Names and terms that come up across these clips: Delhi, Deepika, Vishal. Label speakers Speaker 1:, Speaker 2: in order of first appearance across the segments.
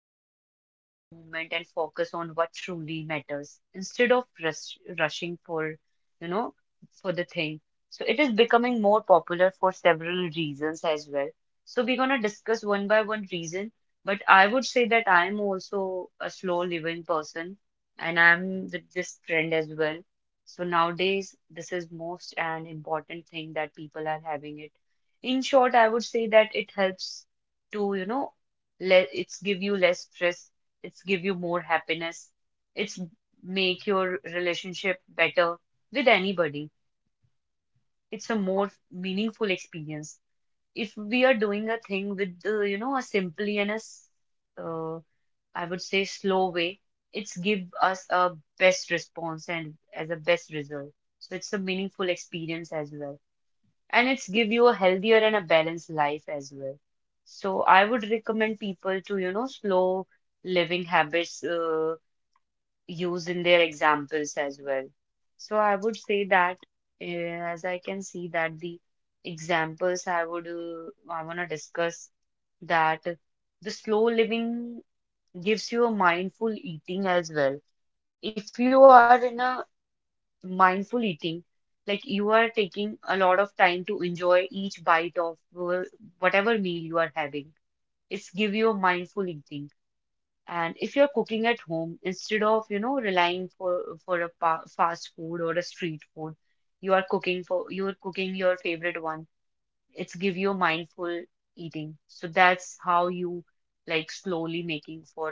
Speaker 1: Pause, enjoy the moment, and focus on what truly matters instead of rushing you know, for the thing. So it is becoming more popular for several reasons as well. So we're gonna discuss one by one reason, but I would say that I am also a slow living person, and I'm with this trend as well. So nowadays, this is most an important thing that people are having it. In short, I would say that it helps to, you know, Le it's give you less stress. It's give you more happiness. It's make your relationship better with anybody. It's a more meaningful experience. If we are doing a thing with a simply and uh, I would say slow way, it's give us a best response and as a best result. So it's a meaningful experience as well and it's give you a healthier and a balanced life as well. So I would recommend people to, you know, slow living habits use in their examples as well. So I would say that uh, as I can see that the examples I want to discuss that the slow living gives you a mindful eating as well. If you are in a mindful eating. Like you are taking a lot of time to enjoy each bite of whatever meal you are having. It's give you a mindful eating. And if you're cooking at home, instead of, you know, relying for a pa fast food or a street food, you're cooking your favorite one. It's give you a mindful eating. So that's how you like slowly making for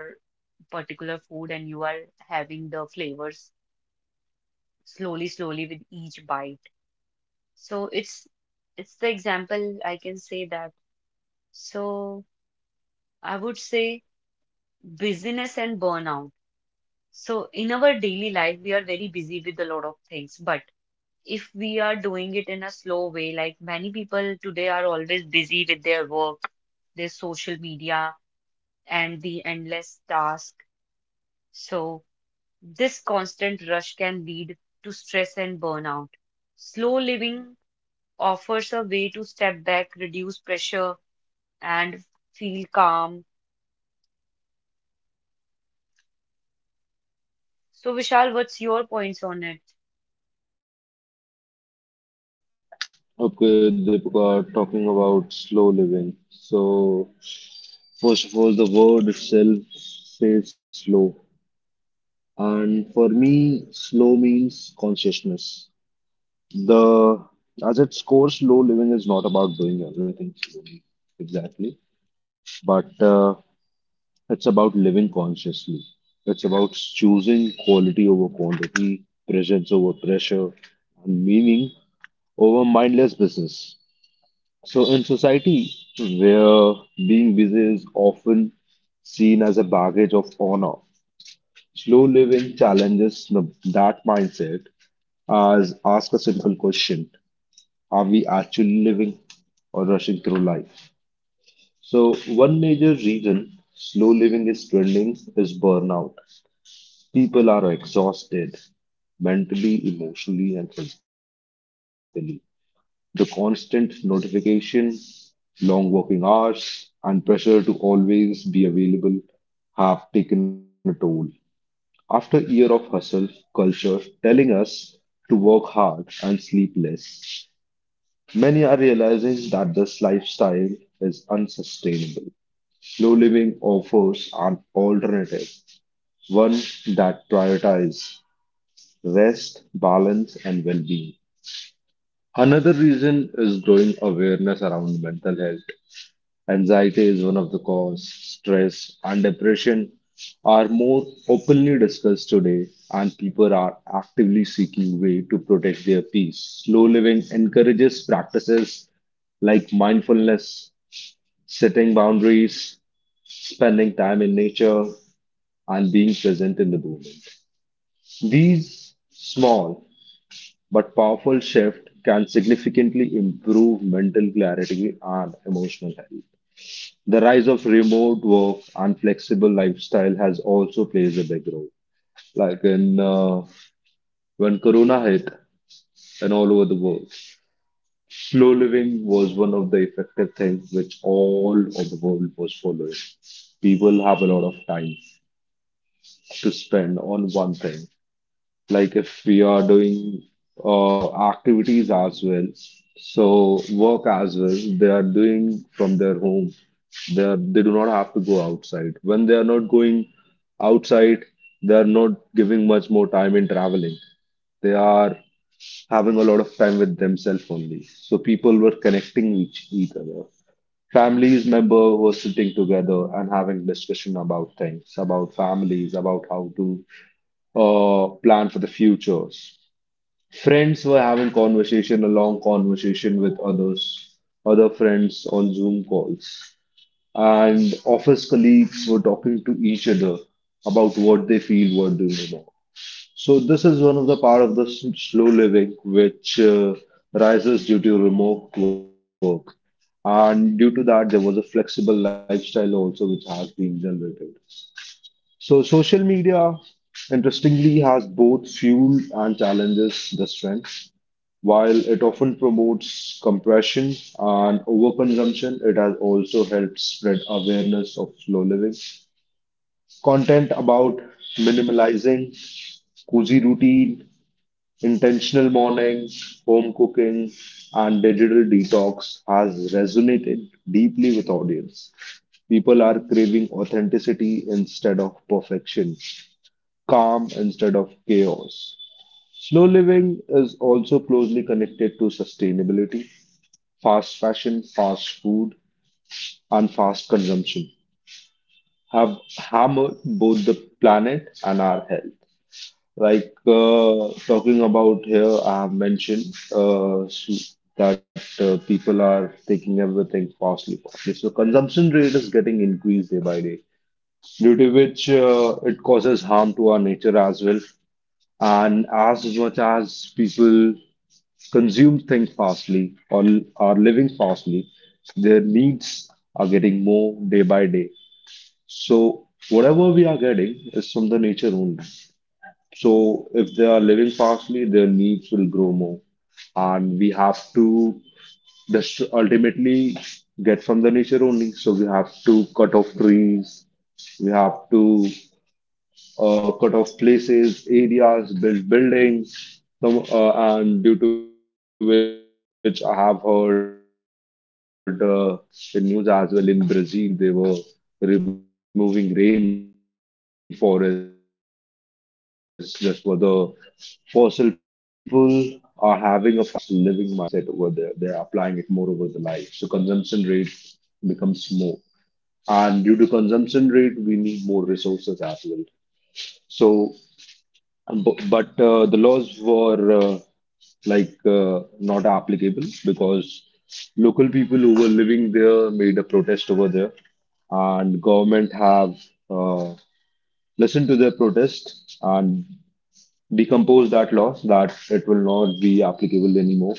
Speaker 1: particular food and you are having the flavors slowly, slowly with each bite. So it's the example I can say that. So I would say busyness and burnout. So in our daily life, we are very busy with a lot of things, but if we are doing it in a slow way, like many people today are always busy with their work, their social media, and the endless task. So this constant rush can lead to stress and burnout. Slow living offers a way to step back, reduce pressure, and feel calm. So, Vishal, what's your points on it?
Speaker 2: Okay, Deepika, talking about slow living. So, first of all, the word itself says slow. And for me, slow means consciousness. The as its core, slow living is not about doing everything slowly, exactly, but it's about living consciously. It's about choosing quality over quantity, presence over pressure, and meaning over mindless business. So, in society where being busy is often seen as a baggage of honor, slow living challenges that mindset as ask a simple question: are we actually living or rushing through life? So, one major reason slow living is trending is burnout. People are exhausted mentally, emotionally, and physically. The constant notification, long working hours, and pressure to always be available have taken a toll. After a year of hustle culture telling us to work hard and sleep less, many are realizing that this lifestyle is unsustainable. Slow living offers an alternative, one that prioritizes rest, balance, and well being. Another reason is growing awareness around mental health. Anxiety is one of the cause. Stress and depression are more openly discussed today, and people are actively seeking way to protect their peace. Slow living encourages practices like mindfulness, setting boundaries, spending time in nature, and being present in the moment. These small but powerful shift can significantly improve mental clarity and emotional health. The rise of remote work and flexible lifestyle has also plays a big role. Like in when Corona hit and all over the world, slow living was one of the effective things which all of the world was following. People have a lot of time to spend on one thing, like if we are doing activities as well, so work as well, they are doing from their home. They do not have to go outside. When they are not going outside, they are not giving much more time in traveling. They are having a lot of time with themselves only. So people were connecting each other. Families member were sitting together and having discussion about things, about families, about how to plan for the futures. Friends were having conversation, a long conversation with others, other friends on Zoom calls, and office colleagues were talking to each other about what they feel were doing wrong. So this is one of the part of the slow living which rises due to remote work. And due to that, there was a flexible lifestyle also which has been generated. So social media, interestingly, has both fuel and challenges this trend. While it often promotes compression and overconsumption, it has also helped spread awareness of slow living. Content about minimalizing cozy routine, intentional morning, home cooking, and digital detox has resonated deeply with audience. People are craving authenticity instead of perfection, calm instead of chaos. Slow living is also closely connected to sustainability. Fast fashion, fast food, and fast consumption have hammered both the planet and our health. Like talking about here, I have mentioned that people are taking everything fastly, fastly. So consumption rate is getting increased day by day, due to which it causes harm to our nature as well. And as much as people consume things fastly or are living fastly, their needs are getting more day by day. So whatever we are getting is from the nature only. So if they are living fastly, their needs will grow more. And we have to just ultimately get from the nature only. So we have to cut off trees, we have to cut off places, areas, build buildings. Some, uh, and due to which I have heard the news as well, in Brazil they were removing rainforests just for the fossil fuels and oils which they needed. This is happening because people are having a fast living mindset over there. They're applying it more over the life. So consumption rate becomes more. And due to consumption rate, we need more resources as well. So, but the laws were not applicable because local people who were living there made a protest over there, and government have uh, listened to their protest and decompose that law that it will not be applicable anymore.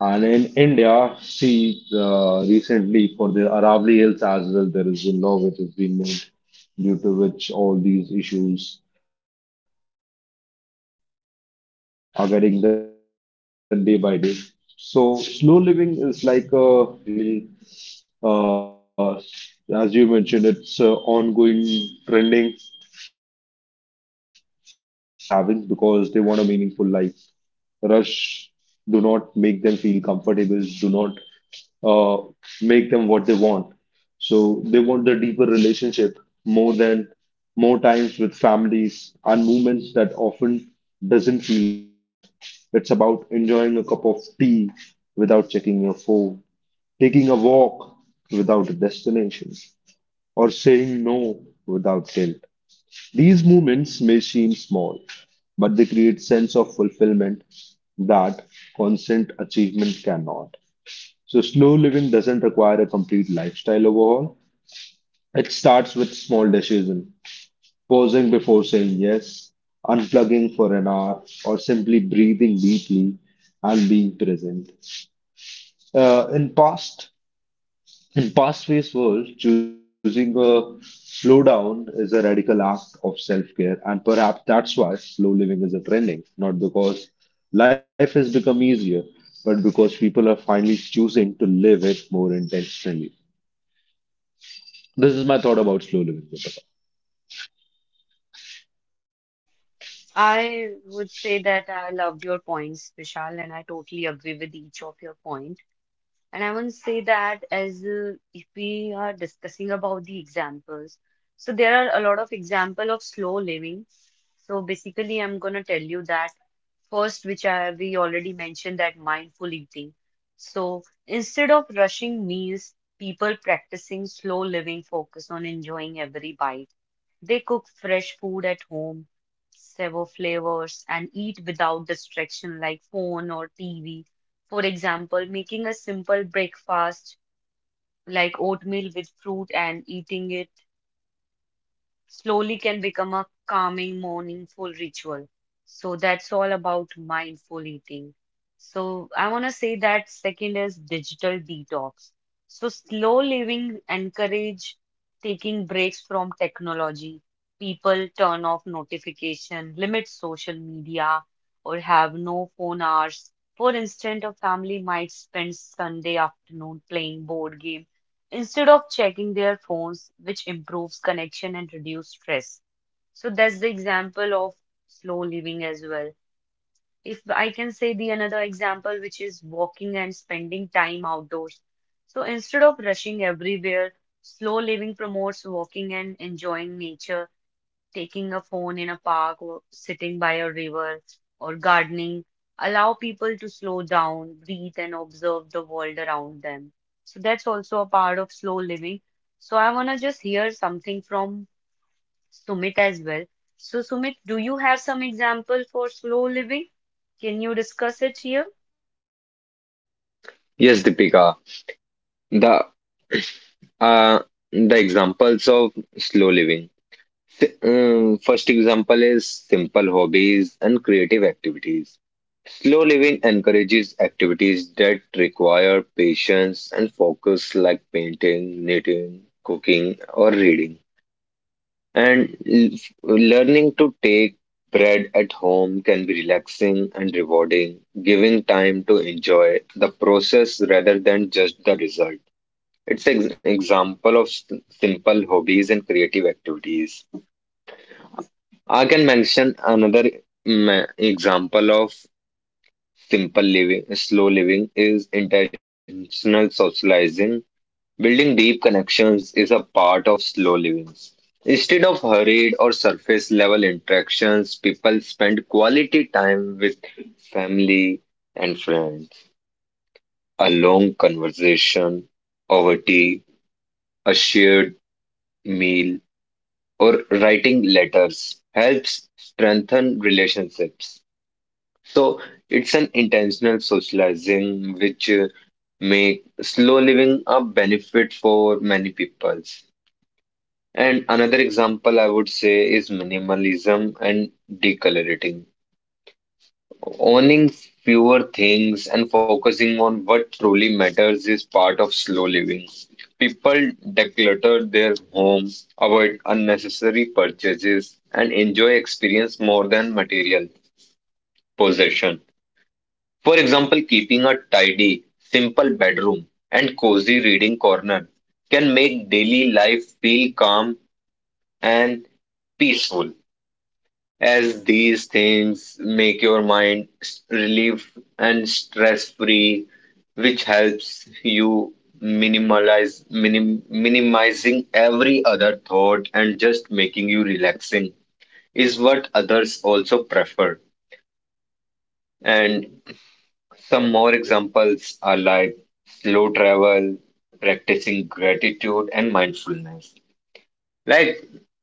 Speaker 2: And in India, see recently for the Aravali Hills as well, there is a law which has been made due to which all these issues are getting done day by day. So slow living is like a meaningful lives for people. I would say most importantly, as you mentioned, it's ongoing trending issue which people are having because they want a meaningful life. Rush do not make them feel comfortable, do not uh, make them what they want. So they want the deeper relationship more than more times with families and movements that often doesn't feel rest. It's about enjoying a cup of tea without checking your phone, taking a walk without a destination, or saying no without guilt. These movements may seem small, but they create sense of fulfillment that constant achievement cannot. So slow living doesn't require a complete lifestyle overhaul. It starts with small decisions, pausing before saying yes, unplugging for an hour, or simply breathing deeply and being present. Uh, in past In fast-paced world, choosing a slowdown is a radical act of self-care, and perhaps that's why slow living is a trending, not because life has become easier, but because people are finally choosing to live it more intentionally. This is my thought about slow living.
Speaker 1: I would say that I loved your points, Vishal, and I totally agree with each of your point. And I want to say that as if we are discussing about the examples, so there are a lot of example of slow living. So basically, I'm gonna tell you that first, which I we already mentioned that mindful eating. So instead of rushing meals, people practicing slow living focus on enjoying every bite. They cook fresh food at home, savor flavors, and eat without distraction like phone or TV. For example, making a simple breakfast like oatmeal with fruit and eating it slowly can become a calming, mournful ritual. So that's all about mindful eating. So I want to say that second is digital detox. So slow living encourage taking breaks from technology. People turn off notification, limit social media, or have no phone hours. For instance, a family might spend Sunday afternoon playing board games instead of checking their phones, which improves connection and reduce stress. So that's the example of slow living as well. If I can say the another example, which is walking and spending time outdoors. So instead of rushing everywhere, slow living promotes walking and enjoying nature taking a phone in a park or sitting by a river or gardening allow people to slow down, breathe, and observe the world around them. So that's also a part of slow living. So I want to just hear something from Sumit as well. So, Sumit, do you have some example for slow living? Can you discuss it here?
Speaker 3: Yes, Deepika. The uh, the examples of slow living. First example is simple hobbies and creative activities. Slow living encourages activities that require patience and focus, like painting, knitting, cooking, or reading. And learning to take bread at home can be relaxing and rewarding, giving time to enjoy the process rather than just the result. It's an example of simple hobbies and creative activities. I can mention another example of slow living is intentional socializing. Building deep connections is a part of slow living. Instead of hurried or surface level interactions, people spend quality time with family and friends. A long conversation over tea, a shared meal, or writing letters helps strengthen relationships. So it's an intentional socializing which make slow living a benefit for many peoples. And another example I would say is minimalism and decoloriting. Owning fewer things and focusing on what truly matters is part of slow living. People declutter their home, avoid unnecessary purchases, and enjoy experience more than material possession. For example, keeping a tidy, simple bedroom and cozy reading corner can make daily life feel calm and peaceful, as these things make your mind relieved and stress free, which helps you minimizing every other thought, and just making you relaxing is what others also prefer. And some more examples are like slow travel, practicing gratitude, and mindfulness. Like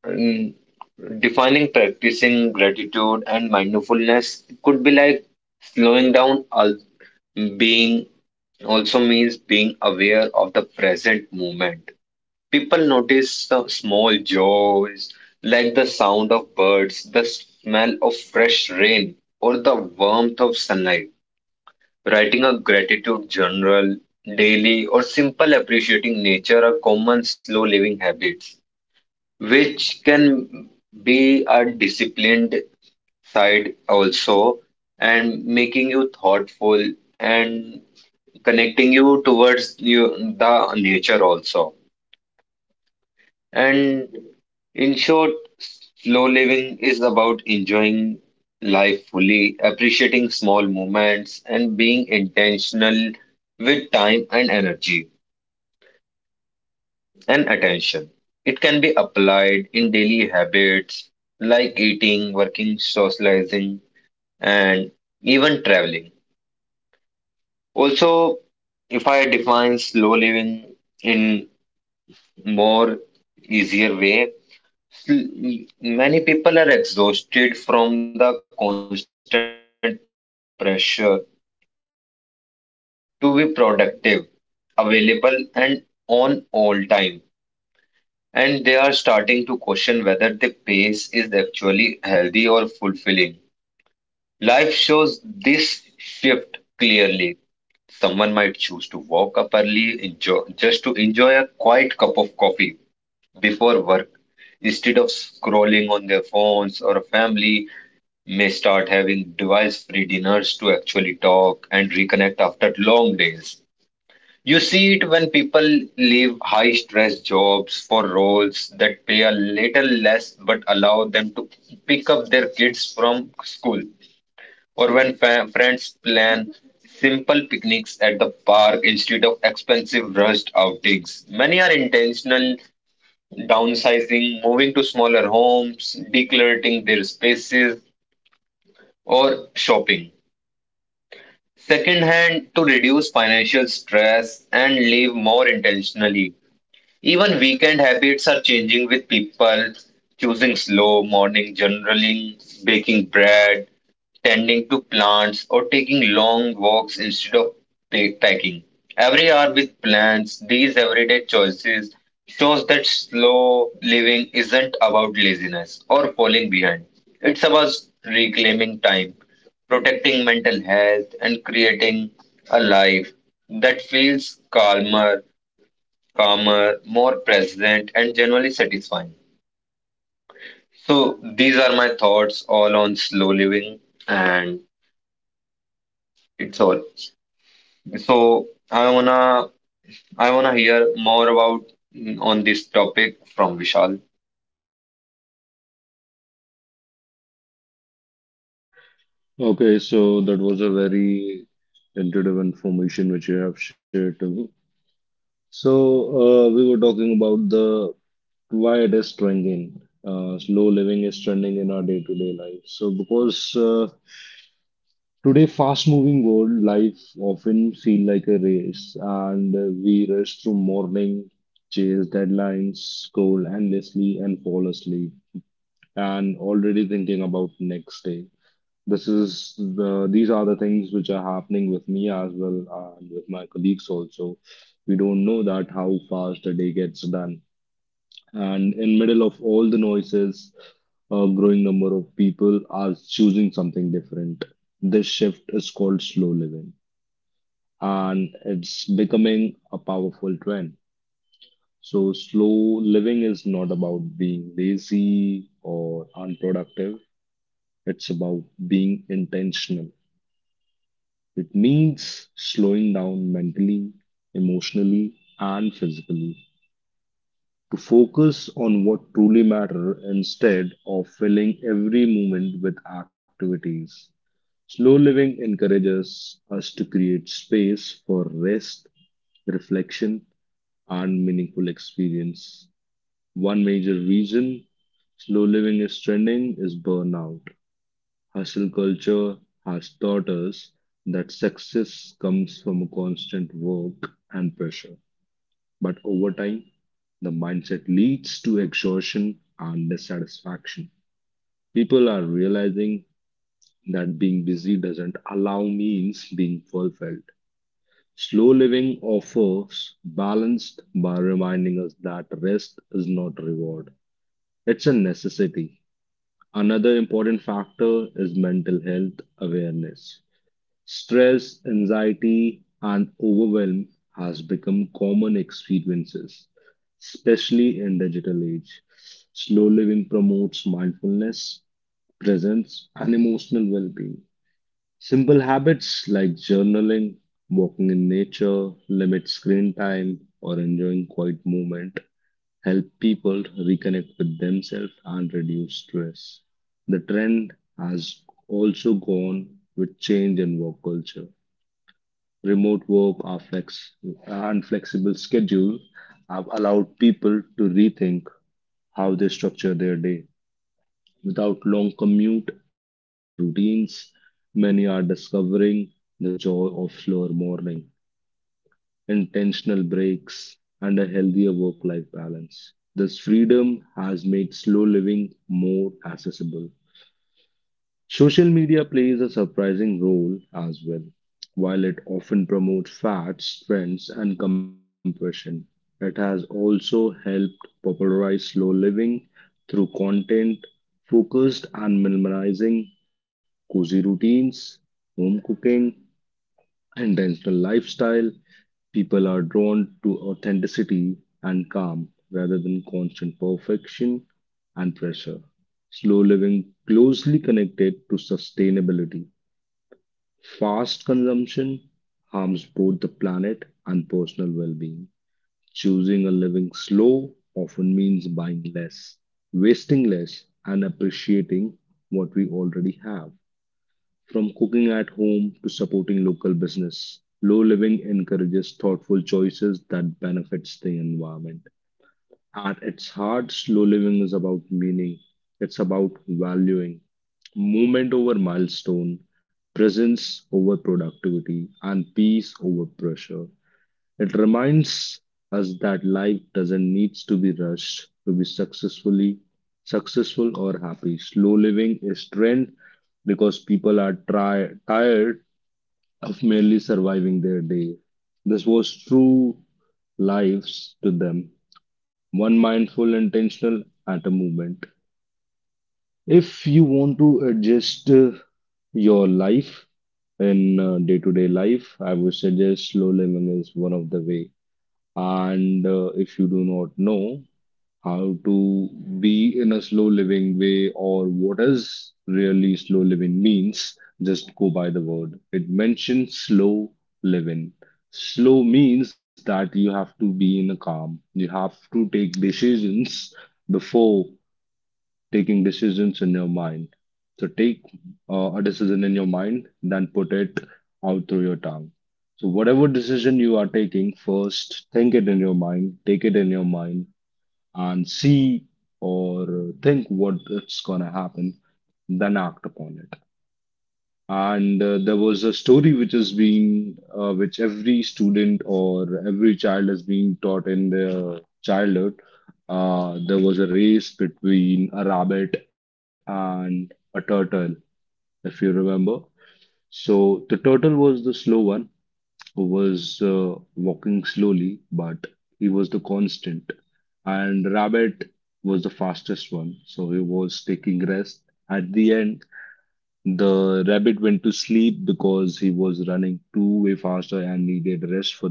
Speaker 3: mm, defining practicing gratitude and mindfulness could be like slowing down. Al- being also means being aware of the present moment. People notice small joys like the sound of birds, the smell of fresh rain, or the warmth of sunlight. Writing a gratitude journal daily or simple appreciating nature are common slow living habits, which can be a disciplined side also, and making you thoughtful and connecting you towards you the nature also. And in short, slow living is about enjoying life fully, appreciating small moments, and being intentional with time and energy and attention. It can be applied in daily habits like eating, working, socializing, and even traveling. Also, if I define slow living in more easier way, many people are exhausted from the constant pressure to be productive, available, and on all time. And they are starting to question whether the pace is actually healthy or fulfilling. Life shows this shift clearly. Someone might choose to wake up early just to enjoy a quiet cup of coffee before work, instead of scrolling on their phones, or a family may start having device free dinners to actually talk and reconnect after long days. You see it when people leave high stress jobs for roles that pay a little less but allow them to pick up their kids from school, or when friends plan simple picnics at the park instead of expensive rushed outings. Many are intentional, downsizing, moving to smaller homes, decluttering their spaces, or shopping secondhand, to reduce financial stress and live more intentionally. Even weekend habits are changing, with people choosing slow morning journaling, baking bread, tending to plants, or taking long walks instead of packing every hour with plants. These everyday choices shows that slow living isn't about laziness or falling behind. It's about reclaiming time, protecting mental health, and creating a life that feels calmer, more present, and generally satisfying. So these are my thoughts all on slow living, and it's all. So I wanna hear more about on this topic from Vishal.
Speaker 2: Okay, so that was a very intuitive information which you have shared to me. So, we were talking about the why it is trending. Slow living is trending in our day-to-day life. So, because today fast-moving world, life often feel like a race, and we rush through morning, chase deadlines, scroll endlessly, and fall asleep and already thinking about next day. This is the these are the things which are happening with me as well and with my colleagues also. We don't know that how fast a day gets done. And in middle of all the noises, a growing number of people are choosing something different. This shift is called slow living and it's becoming a powerful trend. So, slow living is not about being lazy or unproductive. It's about being intentional. It means slowing down mentally, emotionally, and physically to focus on what truly matter instead of filling every moment with activities. Slow living encourages us to create space for rest, reflection, and meaningful experience. One major reason slow living is trending is burnout. Hustle culture has taught us that success comes from constant work and pressure. But over time, the mindset leads to exhaustion and dissatisfaction. People are realizing that being busy doesn't allow means being fulfilled. Slow living offers balanced by reminding us that rest is not reward. It's a necessity. Another important factor is mental health awareness. Stress, anxiety, and overwhelm has become common experiences, especially in digital age. Slow living promotes mindfulness, presence, and emotional well-being. Simple habits like journaling, walking in nature, limit screen time, or enjoying quiet movement help people reconnect with themselves and reduce stress. The trend has also gone with change in work culture. Remote work are and flexible schedules have allowed people to rethink how they structure their day. Without long commute and rigid routines, many are discovering the joy of slower morning, intentional breaks, and a healthier work life balance. This freedom has made slow living more accessible. Social media plays a surprising role as well. While it often promotes fads, trends, and compression, it has also helped popularize slow living through content focused and minimizing cozy routines, home cooking, intentional lifestyle. People are drawn to authenticity and calm rather than constant perfection and pressure. Slow living closely connected to sustainability. Fast consumption harms both the planet and personal well being. Choosing a living slow often means buying less, wasting less, and appreciating what we already have. From cooking at home to supporting local business, low living encourages thoughtful choices that benefits the environment. At its heart, slow living is about meaning. It's about valuing movement over milestone, presence over productivity, and peace over pressure. It reminds us that life doesn't need to be rushed to be successful or happy. Slow living is trend because people are tired of merely surviving their day. This was true lives to them, one mindful intentional at a moment. If you want to adjust your life in day-to-day life, I would suggest slow living is one of the way. And if you do not know how to be in a slow living way or what is really slow living means, just go by the word. It mentions slow living. Slow means that you have to be in a calm. You have to take decisions before taking decisions in your mind. So take a decision in your mind, then put it out through your tongue. So whatever decision you are taking, first think it in your mind, take it in your mind, and see or think what it's gonna happen, then act upon it. And there was a story which is being which every student or every child is being taught in their childhood. There was a race between a rabbit and a turtle, if you remember. So the turtle was the slow one who was walking slowly, but he was the constant, and rabbit was the fastest one, so he was taking rest. At the end, the rabbit went to sleep because he was running too way faster and needed rest for the day,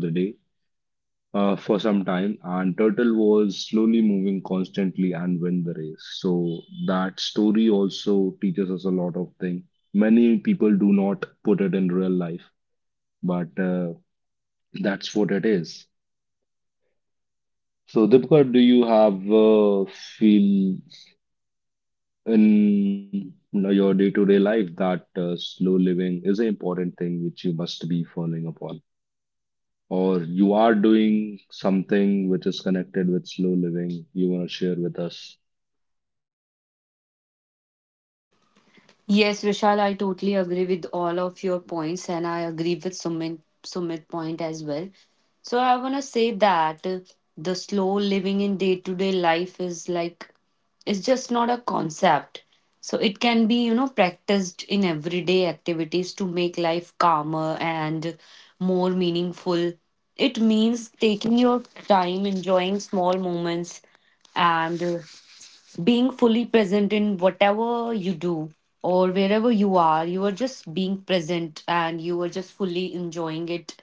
Speaker 2: for some time. And turtle was slowly moving constantly and win the race. So that story also teaches us a lot of things. Many people do not put it in real life, but that's what it is. So Dipika, do you have feel in your day-to-day life that slow living is an important thing which you must be following upon? Or you are doing something which is connected with slow living you want to share with us?
Speaker 1: Yes, Vishal, I totally agree with all of your points, and I agree with Sumit point as well. So I wanna say that the slow living in day to day life is like it's just not a concept. So it can be you know practiced in everyday activities to make life calmer and more meaningful. It means taking your time, enjoying small moments, and being fully present in whatever you do or wherever you are just being present and you are just fully enjoying it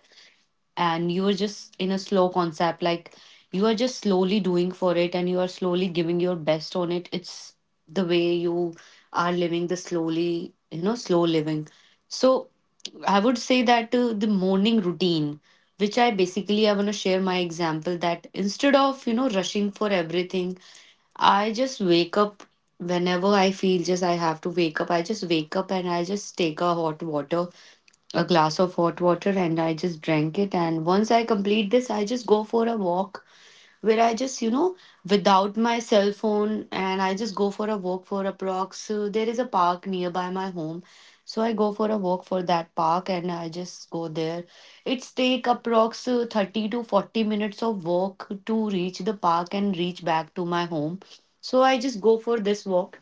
Speaker 1: and you are just in a slow concept like you are just slowly doing for it and you are slowly giving your best on it. It's the way you are living the slowly, you know, slow living. So I would say that the morning routine which I basically I want to share my example that instead of you know rushing for everything I just wake up whenever I feel just I have to wake up. I just wake up and I just take a hot water, a glass of hot water, and I just drink it. And once I complete this, I just go for a walk where I just, you know, without my cell phone and I just go for a walk for approx. There is a park nearby my home. So I go for a walk for that park and I just go there. It's take approx 30 to 40 minutes of walk to reach the park and reach back to my home. So I just go for this walk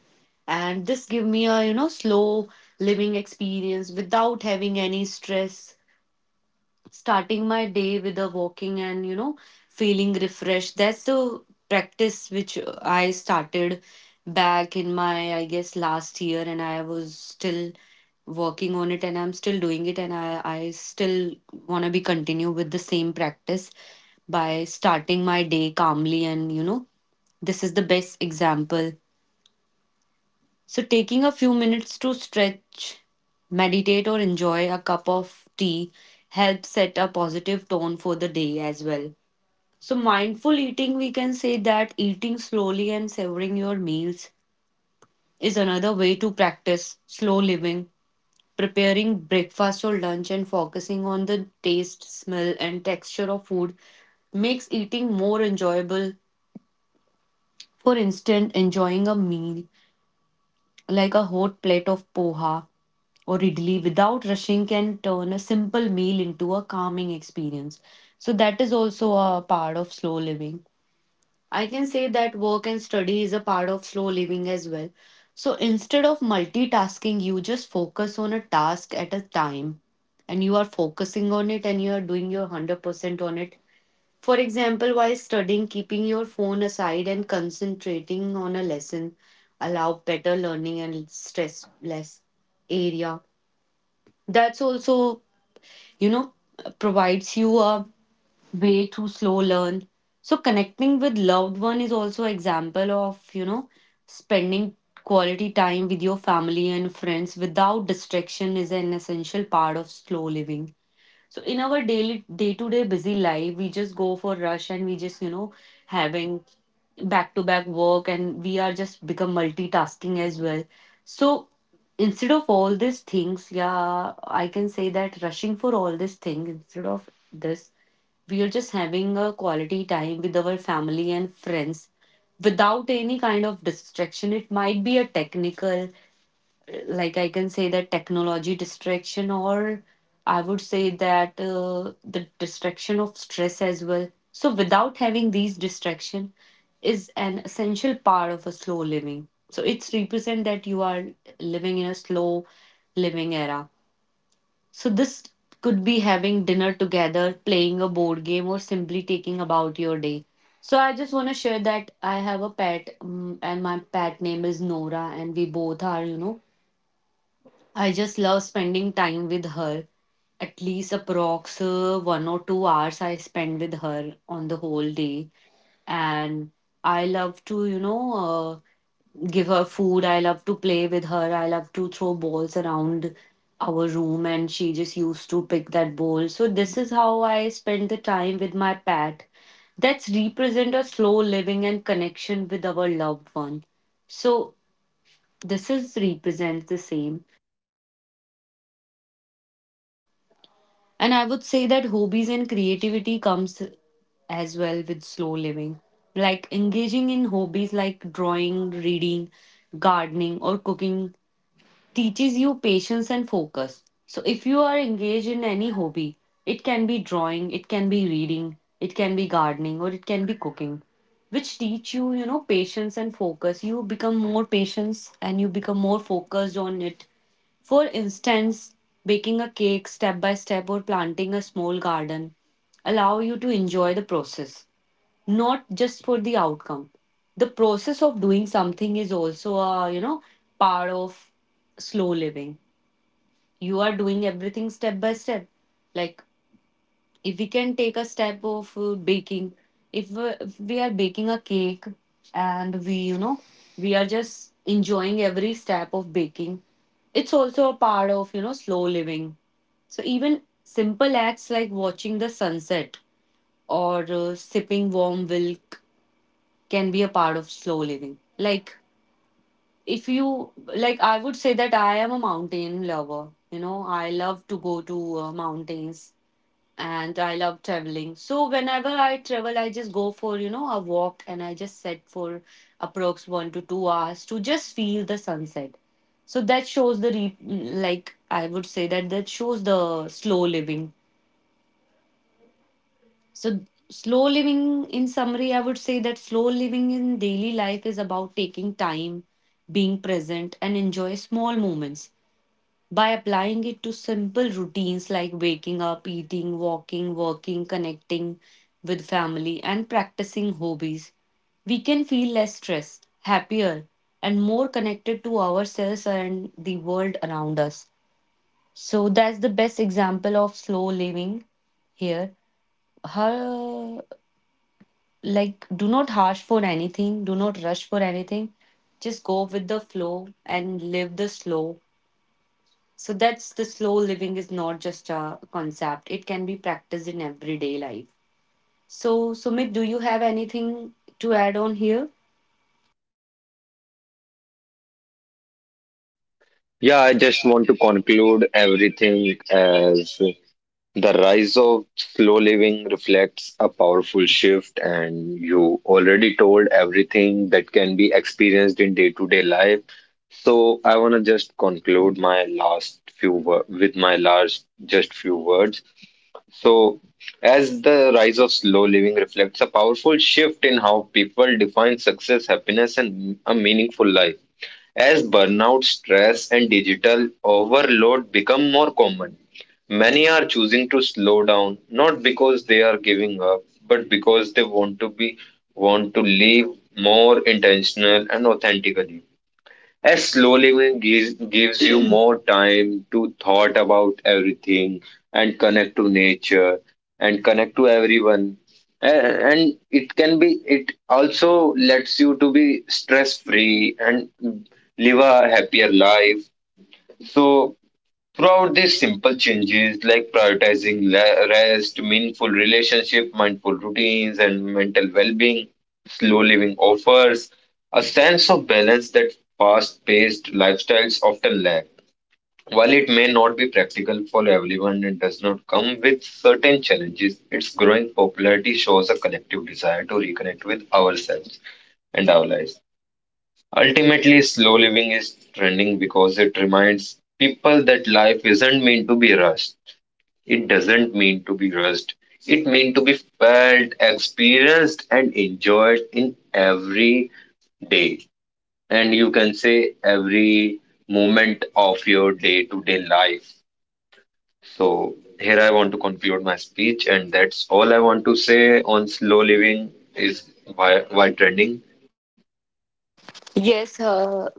Speaker 1: and this give me a, you know, slow living experience without having any stress starting my day with a walking and you know feeling refreshed. That's the practice which I started back in my I guess last year and I was still working on it and I'm still doing it and I still want to be continue with the same practice by starting my day calmly and you know this is the best example. So, taking a few minutes to stretch, meditate, or enjoy a cup of tea helps set a positive tone for the day as well. So, mindful eating, we can say that eating slowly and savoring your meals is another way to practice slow living. Preparing breakfast or lunch and focusing on the taste, smell, and texture of food makes eating more enjoyable. For instance, enjoying a meal like a hot plate of poha or idli without rushing can turn a simple meal into a calming experience. So that is also a part of slow living. I can say that work and study is a part of slow living as well. So instead of multitasking, you just focus on a task at a time and you are focusing on it and you are doing your 100% on it. For example, while studying, keeping your phone aside and concentrating on a lesson allow better learning and stress less area. That's also, you know, provides you a way to slow learn. So connecting with loved one is also example of, you know, spending quality time with your family and friends without distraction is an essential part of slow living. So in our daily day to day busy life, we just go for rush and we just you know having back to back work and we are just become multitasking as well. So instead of all these things, yeah, I can say that rushing for all these things instead of this, we are just having a quality time with our family and friends without any kind of distraction. It might be a technical like I can say that technology distraction, or I would say that the distraction of stress as well. So without having these distraction is an essential part of a slow living. So it's represent that you are living in a slow living era. So this could be having dinner together, playing a board game, or simply taking about your day. So I just want to share that I have a pet, and my pet name is Nora, and we both are, you know, I just love spending time with her. At least approx 1 or 2 hours I spend with her on the whole day. And I love to, you know, give her food. I love to play with her. I love to throw balls around our room and she just used to pick that ball. So this is how I spend the time with my pet. That's represent a slow living and connection with our loved one. So this is represents the same. And I would say that hobbies and creativity comes as well with slow living. Like engaging in hobbies like drawing, reading, gardening, or cooking teaches you patience and focus. So, if you are engaged in any hobby, it can be drawing, it can be reading, it can be gardening, or it can be cooking, which teach you, you know, patience and focus. You become more patient and you become more focused on it. For instance, baking a cake step by step or planting a small garden allow you to enjoy the process not just for the outcome. The process of doing something is also a, you know, part of slow living. You are doing everything step by step like if we can take a step of baking if we are baking a cake and we you know we are just enjoying every step of baking. It's also a part of, you know, slow living. So even simple acts like watching the sunset or sipping warm milk can be a part of slow living. Like, if you, like, I would say that I am a mountain lover. You know, I love to go to mountains and I love traveling. So, whenever I travel, I just go for, you know, a walk and I just set for approx 1 to 2 hours to just feel the sunset. So, that shows like, I would say that that shows the slow living. So, slow living, in summary, I would say that slow living in daily life is about taking time, being present, and enjoy small moments. By applying it to simple routines like waking up, eating, walking, working, connecting with family, and practicing hobbies, we can feel less stressed, happier, and more connected to ourselves and the world around us. So, that's the best example of slow living here. Her Like do not harsh for anything do not rush for anything just go with the flow and live the slow. So that's the slow living is not just a concept it can be practiced in everyday life. So Sumit do you have anything to add on here?
Speaker 3: Yeah, I just want to conclude everything as the rise of slow living reflects a powerful shift, and you already told everything that can be experienced in day-to-day life. So I want to just conclude my last few with my last just few words. So as the rise of slow living reflects a powerful shift in how people define success, happiness, and a meaningful life. As burnout, stress, and digital overload become more common, many are choosing to slow down not because they are giving up, but because they want to live more intentional and authentically. A slow living gives you more time to thought about everything and connect to nature and connect to everyone. And it also lets you to be stress free and live a happier life. So throughout these simple changes, like prioritizing rest, meaningful relationship, mindful routines, and mental well-being, slow living offers a sense of balance that fast-paced lifestyles often lack. While it may not be practical for everyone and does not come with certain challenges, its growing popularity shows a collective desire to reconnect with ourselves and our lives. Ultimately, slow living is trending because it reminds people that life isn't meant to be rushed. It doesn't mean to be rushed. It meant to be felt, experienced, and enjoyed in every day. And you can say every moment of your day to day life. So, here I want to conclude my speech, and that's all I want to say on slow living is why trending.
Speaker 1: Yes,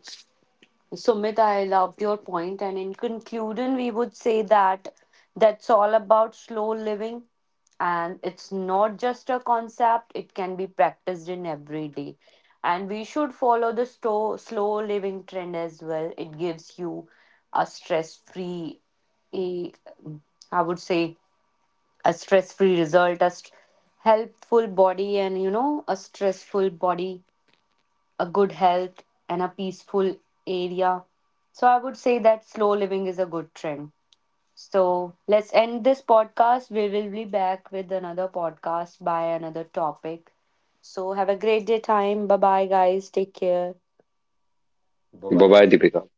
Speaker 1: Sumit, I loved your point, and in conclusion, we would say that that's all about slow living, and it's not just a concept; it can be practiced in every day. And we should follow the slow living trend as well. It gives you a stress-free, a, I would say, a stress-free result, a helpful body, and you know, a stressful body a good health, and a peaceful area. So I would say that slow living is a good trend. So let's end this podcast. We will be back with another podcast by another topic. So have a great day time. Bye bye guys. Take care.
Speaker 3: Bye bye, Deepika.